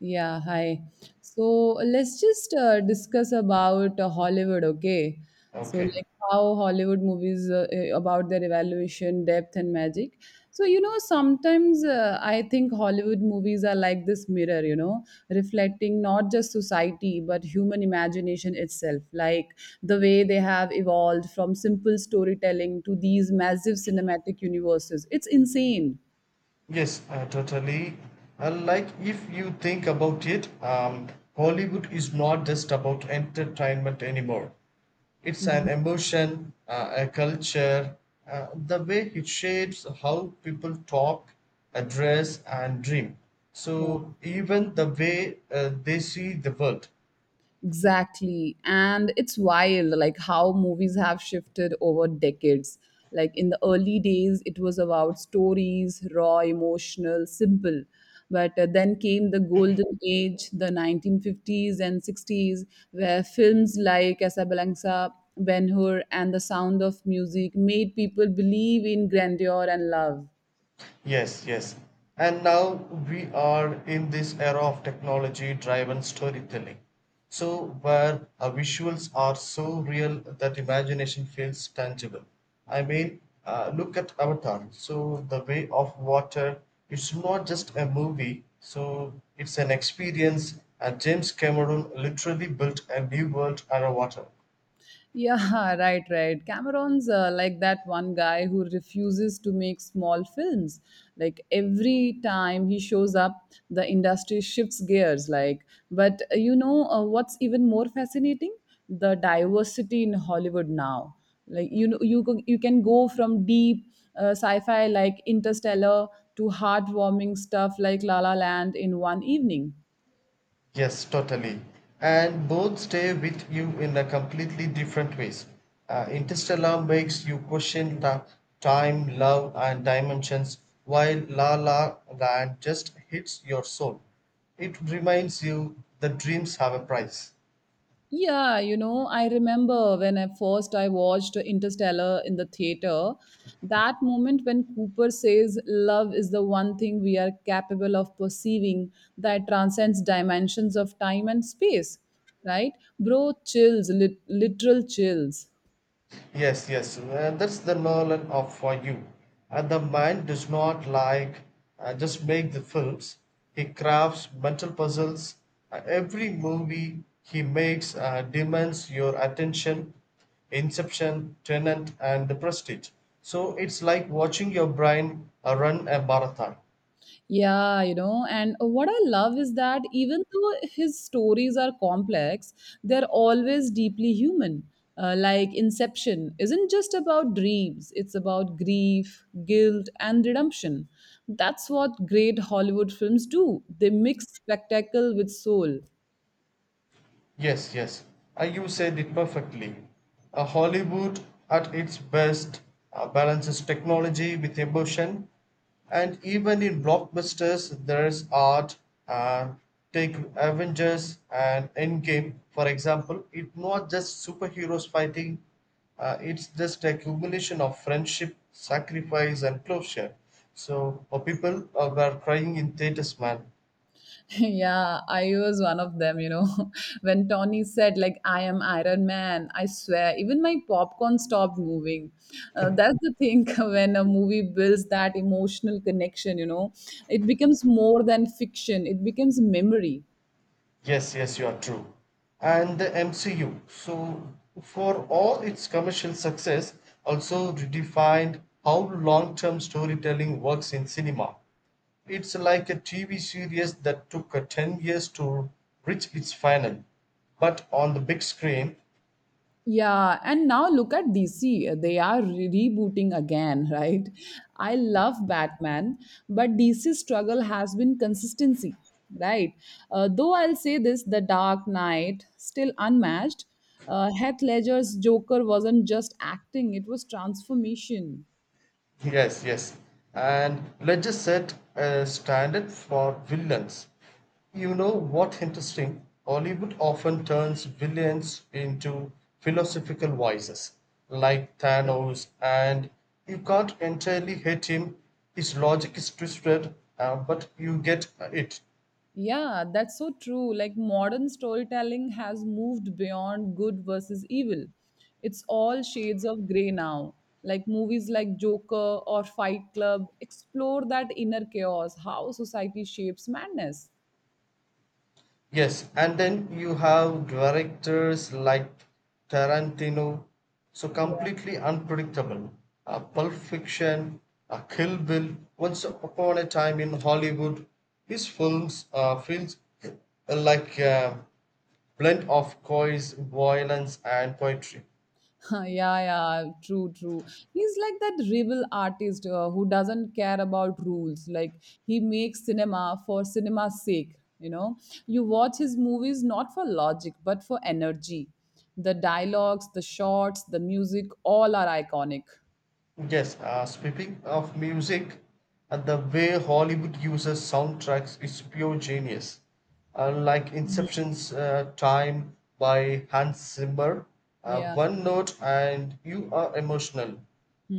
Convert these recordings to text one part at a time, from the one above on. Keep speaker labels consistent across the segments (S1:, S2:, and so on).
S1: Yeah, hi. So let's just discuss about Hollywood, okay? So
S2: Okay.
S1: like how Hollywood movies about their evaluation, depth, and magic. So sometimes I think Hollywood movies are like this mirror, reflecting not just society but human imagination itself. Like the way they have evolved from simple storytelling to these massive cinematic universes. It's insane.
S2: Yes, totally. Like if you think about it, Hollywood is not just about entertainment anymore. It's
S1: Hmm.
S2: an emotion, a culture, the way it shapes how people talk, dress, and dream.
S1: Yeah.
S2: So even the way they see the world.
S1: Exactly. And it's wild, like how movies have shifted over decades. Like in the early days, it was about stories, raw, emotional, simple. But then came the golden age, the 1950s and 60s, where films like Casablanca, Ben Hur, and The Sound of Music made people believe in grandeur and love.
S2: Yes, yes. And now we are in this era of technology driven storytelling. So, where our visuals are so real that imagination feels tangible. I mean, look at Avatar. So, The Way of Water, it's not just a movie, so it's an experience. And James Cameron literally built a new world around water.
S1: Yeah, right, right. Cameron's like that one guy who refuses to make small films. Like every time he shows up, the industry shifts gears. Like, but what's even more fascinating? The diversity in Hollywood now. Like you can go from deep sci-fi like Interstellar to heartwarming stuff like La La Land in one evening.
S2: Yes, totally. And both stay with you in a completely different ways. Interstellar makes you question the time, love, and dimensions, while La La Land just hits your soul. It reminds you that dreams have a price.
S1: Yeah, I remember when I first I watched Interstellar in the theater. That moment when Cooper says love is the one thing we are capable of perceiving that transcends dimensions of time and space, right? Bro chills, literal chills.
S2: Yes, yes, that's the Nolan of for you. And the mind does not like just make the films. He crafts mental puzzles. Every movie he makes demands your attention. Inception, Tenant, and the Prestige. So it's like watching your brain run a marathon.
S1: Yeah, and what I love is that even though his stories are complex, they're always deeply human. Like Inception isn't just about dreams, it's about grief, guilt, and redemption. That's what great Hollywood films do. They mix spectacle with soul.
S2: Yes, yes. You said it perfectly. Hollywood, at its best, balances technology with emotion, and even in blockbusters, there's art. Uh, Take Avengers and Endgame, for example. It's not just superheroes fighting, it's just a culmination of friendship, sacrifice, and closure. So, people were crying in theaters, man.
S1: Yeah, I was one of them. When Tony said, like, I am Iron Man, I swear, even my popcorn stopped moving. That's the thing when a movie builds that emotional connection, it becomes more than fiction, it becomes memory.
S2: Yes, yes, you are true. And the MCU, so for all its commercial success, also redefined how long term storytelling works in cinema. It's like a TV series that took 10 years to reach its final, but on the big screen.
S1: Yeah, and now look at DC. They are rebooting again, right? I love Batman, but DC's struggle has been consistency, right? Though I'll say this, The Dark Knight still unmatched. Heath Ledger's Joker wasn't just acting; it was transformation.
S2: Yes, yes. And let's just set a standard for villains. You know what interesting? Hollywood often turns villains into philosophical vices, like
S1: Yeah.
S2: Thanos, and you can't entirely hate him. His logic is twisted, but you get it.
S1: Yeah, that's so true. Like modern storytelling has moved beyond good versus evil. It's all shades of gray now. Like movies like Joker or Fight Club explore that inner chaos, how society shapes madness.
S2: Yes, and then you have directors like Tarantino, so completely unpredictable. Pulp Fiction, Kill Bill, Once Upon a Time in Hollywood. His films feels like a blend of coys, violence, and poetry.
S1: Yeah, yeah, true, true. He's like that rebel artist who doesn't care about rules. Like he makes cinema for cinema's sake. You watch his movies not for logic but for energy. The dialogues, the shots, the music, all are iconic.
S2: Yes, speaking of music, the way Hollywood uses soundtracks is pure genius. Like Inception's Time by Hans Zimmer,
S1: Yeah.
S2: one note and you are emotional.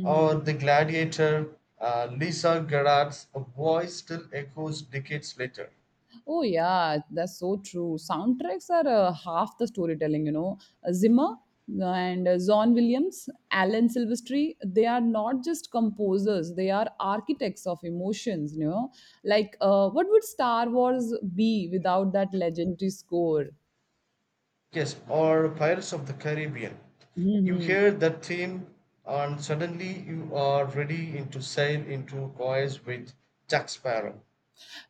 S2: Or The Gladiator, Lisa Gerrard's voice still echoes decades later.
S1: Oh yeah, that's so true. Soundtracks are half the storytelling. Zimmer and John Williams, Alan Silvestri, they are not just composers, they are architects of emotions. Like what would Star Wars be without that legendary score?
S2: Yes, or Pirates of the Caribbean. You
S1: Hmm.
S2: hear that theme, and suddenly you are ready in to sail into a voyage with Jack Sparrow.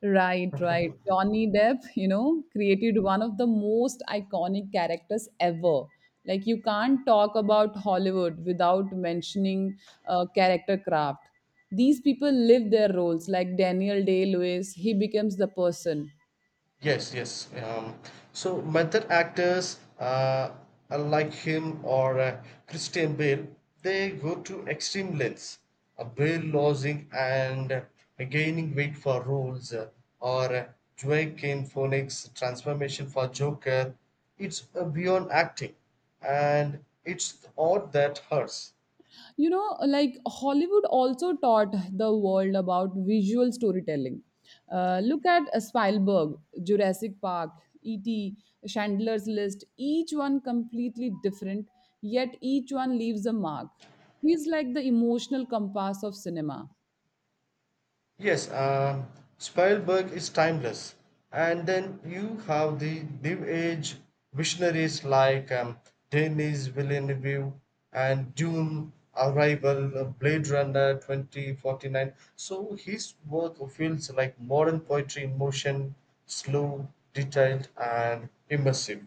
S1: Right, right. Johnny Depp, created one of the most iconic characters ever. Like, you can't talk about Hollywood without mentioning character craft. These people live their roles, like Daniel Day Lewis, he becomes the person.
S2: Yes, yes. So method actors, unlike him or Christian Bale, they go to extreme lengths. Bale losing and gaining weight for roles, or Joaquin Phoenix's transformation for Joker. It's beyond acting, and it's the art that hurts.
S1: you know like Hollywood also taught the world about visual storytelling, look at Spielberg, Jurassic Park, ET, Chandler's List, each one completely different, yet each one leaves a mark. He's like the emotional compass of cinema.
S2: Yes, Spielberg is timeless. And then you have the New Age visionaries like Denis Villeneuve and Dune, Arrival, Blade Runner 2049. So his work feels like modern poetry in motion, slow, detailed, and immersive.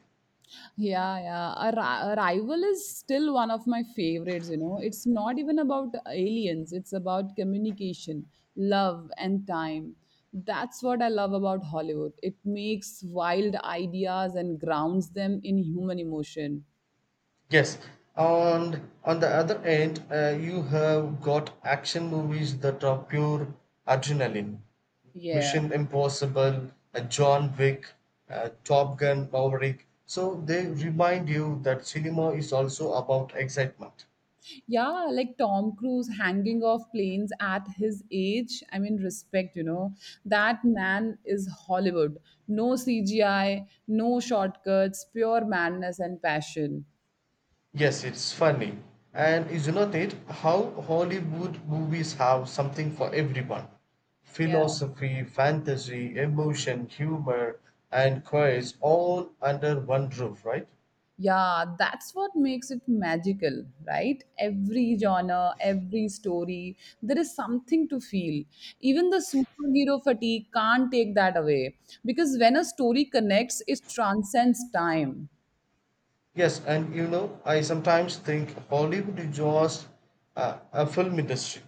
S1: Yeah, yeah. A Arrival is still one of my favorites. It's not even about aliens, it's about communication, love, and time. That's what I love about Hollywood. It makes wild ideas and grounds them in human emotion.
S2: Yes, and on the other end, you have got action movies that are pure adrenaline.
S1: Yeah.
S2: Mission Impossible, John Wick, Top Gun, Maverick. So they remind you that cinema is also about excitement.
S1: Yeah, like Tom Cruise hanging off planes at his age. I mean, respect. That man is Hollywood. No CGI, no shortcuts, pure madness and passion.
S2: Yes, it's funny. And isn't it how Hollywood movies have something for everyone?
S1: Yeah.
S2: Philosophy, fantasy, emotion, humor, and queries all under one roof, right?
S1: Yeah, that's what makes it magical, right? Every genre, every story, there is something to feel. Even the superhero fatigue can't take that away because when a story connects, it transcends time.
S2: Yes, and you know, I sometimes think Hollywood is just a film industry.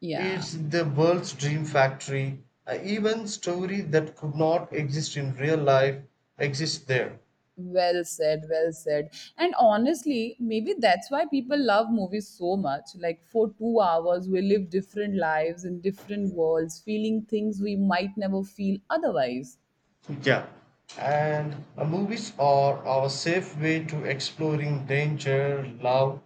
S1: Yeah,
S2: It's the world's dream factory. Even story that could not exist in real life exists there.
S1: well said, well said. And honestly, maybe that's why people love movies so much. Like for 2 hours, we live different lives in different worlds, feeling things we might never feel otherwise.
S2: Yeah, and movies are our safe way to exploring danger, love,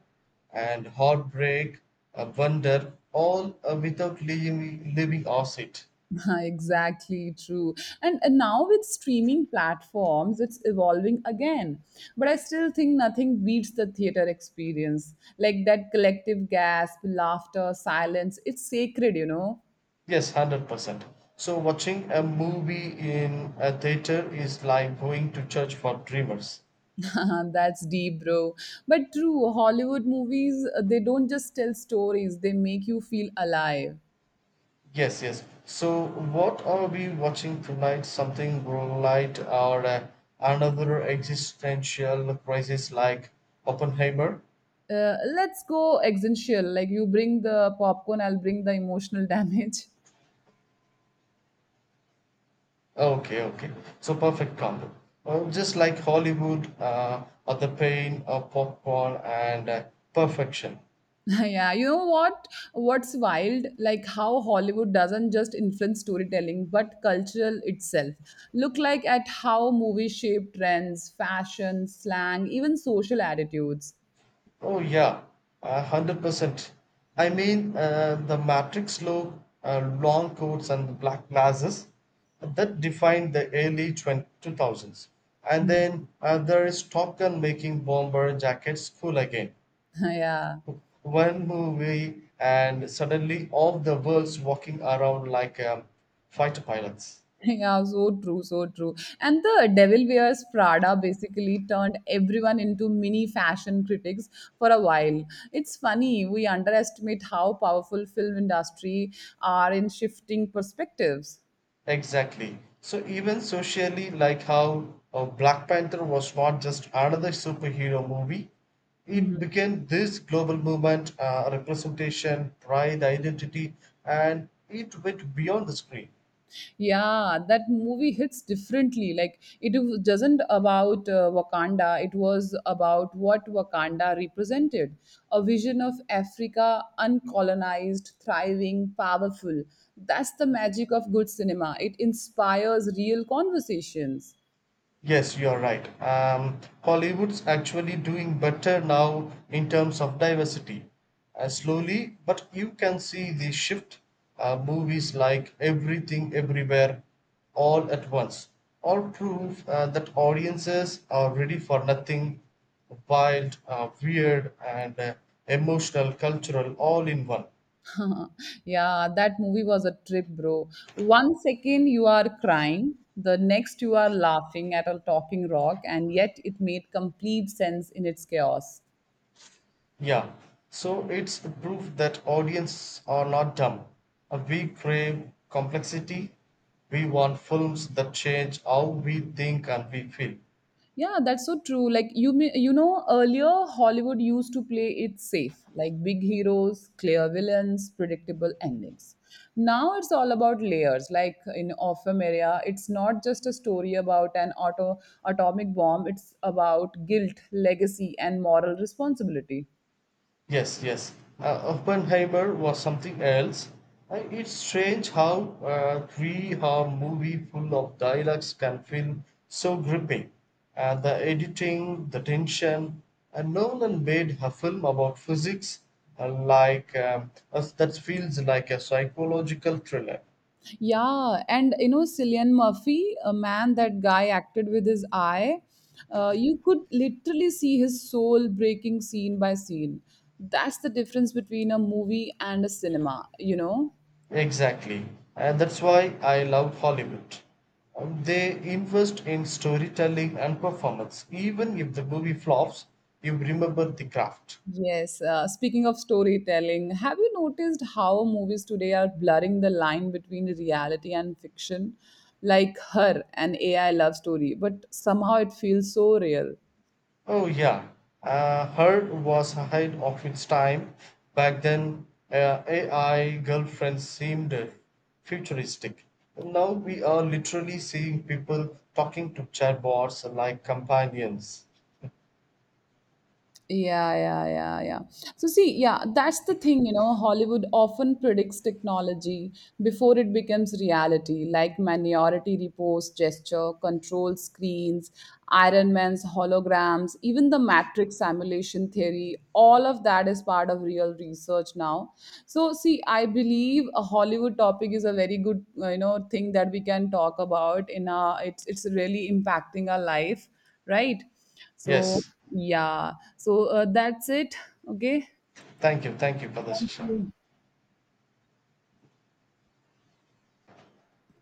S2: and heartbreak, wonder, all without leaving us it.
S1: Exactly true. And now with streaming platforms, it's evolving again, but I still think nothing beats the theater experience, like that collective gasp, laughter, silence, it's sacred.
S2: Yes, 100%. So, watching a movie in a theater is like going to church for dreamers.
S1: That's deep, bro. But true, hollywood movies they don't just tell stories, they make you feel alive.
S2: Yes, yes. So, what are we watching tonight? Something light or another existential crisis like Oppenheimer?
S1: Let's go existential, like you bring the popcorn, I'll bring the emotional damage.
S2: Okay, okay. So perfect combo. Well, just like Hollywood, or the pain of popcorn and perfection.
S1: Yeah, you know what? What's wild, like how hollywood doesn't just influence storytelling but cultural itself. Look like at how movies shape trends, fashion, slang, even social attitudes.
S2: Oh yeah, 100%. I mean, the Matrix look, long coats and the black glasses that defined the early 20, 2000s. And
S1: Hmm.
S2: then there is Top Gun making bomber jackets cool again.
S1: Yeah,
S2: One movie and suddenly all the world's walking around like fighter pilots.
S1: yeah, so true, so true. And the Devil Wears Prada basically turned everyone into mini fashion critics for a while. It's funny, we underestimate how powerful film industry are in shifting perspectives.
S2: Exactly. So even socially, like how Black Panther was not just another superhero movie,
S1: Mm-hmm.
S2: it became this global movement, representation, pride, identity, and it went beyond the screen.
S1: Yeah, that movie hits differently. Like it doesn't about Wakanda. It was about what Wakanda represented: a vision of Africa, uncolonized, thriving, powerful. That's the magic of good cinema. It inspires real conversations.
S2: Yes, you're right. Hollywood's actually doing better now in terms of diversity. Slowly, but you can see the shift. Movies like Everything Everywhere All at Once all prove that audiences are ready for nothing wild, weird, and emotional, cultural all in one.
S1: Yeah, that movie was a trip, bro. 1 second you are crying, the next you are laughing at a talking rock, and yet it made complete sense in its chaos.
S2: Yeah, so it's a proof that audiences are not dumb. We crave complexity. We want films that change how we think and we feel.
S1: Yeah, that's so true. Like, you may, you know earlier Hollywood used to play it safe, like big heroes, clear villains, predictable endings. Now it's all about layers. Like in Orphan Area, it's not just a story about an auto atomic bomb, it's about guilt, legacy and moral responsibility.
S2: Yes, yes. Oppenheimer was something else. It's strange how a three-hour movie full of dialogues can feel so gripping. The editing, the tension, and Nolan made a film about physics that feels like a psychological thriller.
S1: Yeah, and Cillian Murphy, a man that guy acted with his eye, you could literally see his soul breaking scene by scene. That's the difference between a movie and a cinema, you know?
S2: Exactly. And that's why I love Hollywood. They invest in storytelling and performance. Even if the movie flops, you remember the craft.
S1: Yes, speaking of storytelling, have you noticed how movies today are blurring the line between reality and fiction? Like Her, an AI love story, but somehow it feels so real.
S2: Oh, yeah. Heard was ahead of its time. Back then, AI girlfriends seemed futuristic. Now we are literally seeing people talking to chatbots like companions.
S1: Yeah, yeah, yeah, yeah. So see, yeah, that's the thing, Hollywood often predicts technology before it becomes reality, like Minority Reports, gesture, control screens, Iron Man's holograms, even the Matrix simulation theory, all of that is part of real research now. So see, I believe a Hollywood topic is a very good, thing that we can talk about in a it's really impacting our life, right? So
S2: Yes.
S1: yeah. So, that's it. Okay.
S2: Thank you. Thank you for the
S1: Thank
S2: session.
S1: you.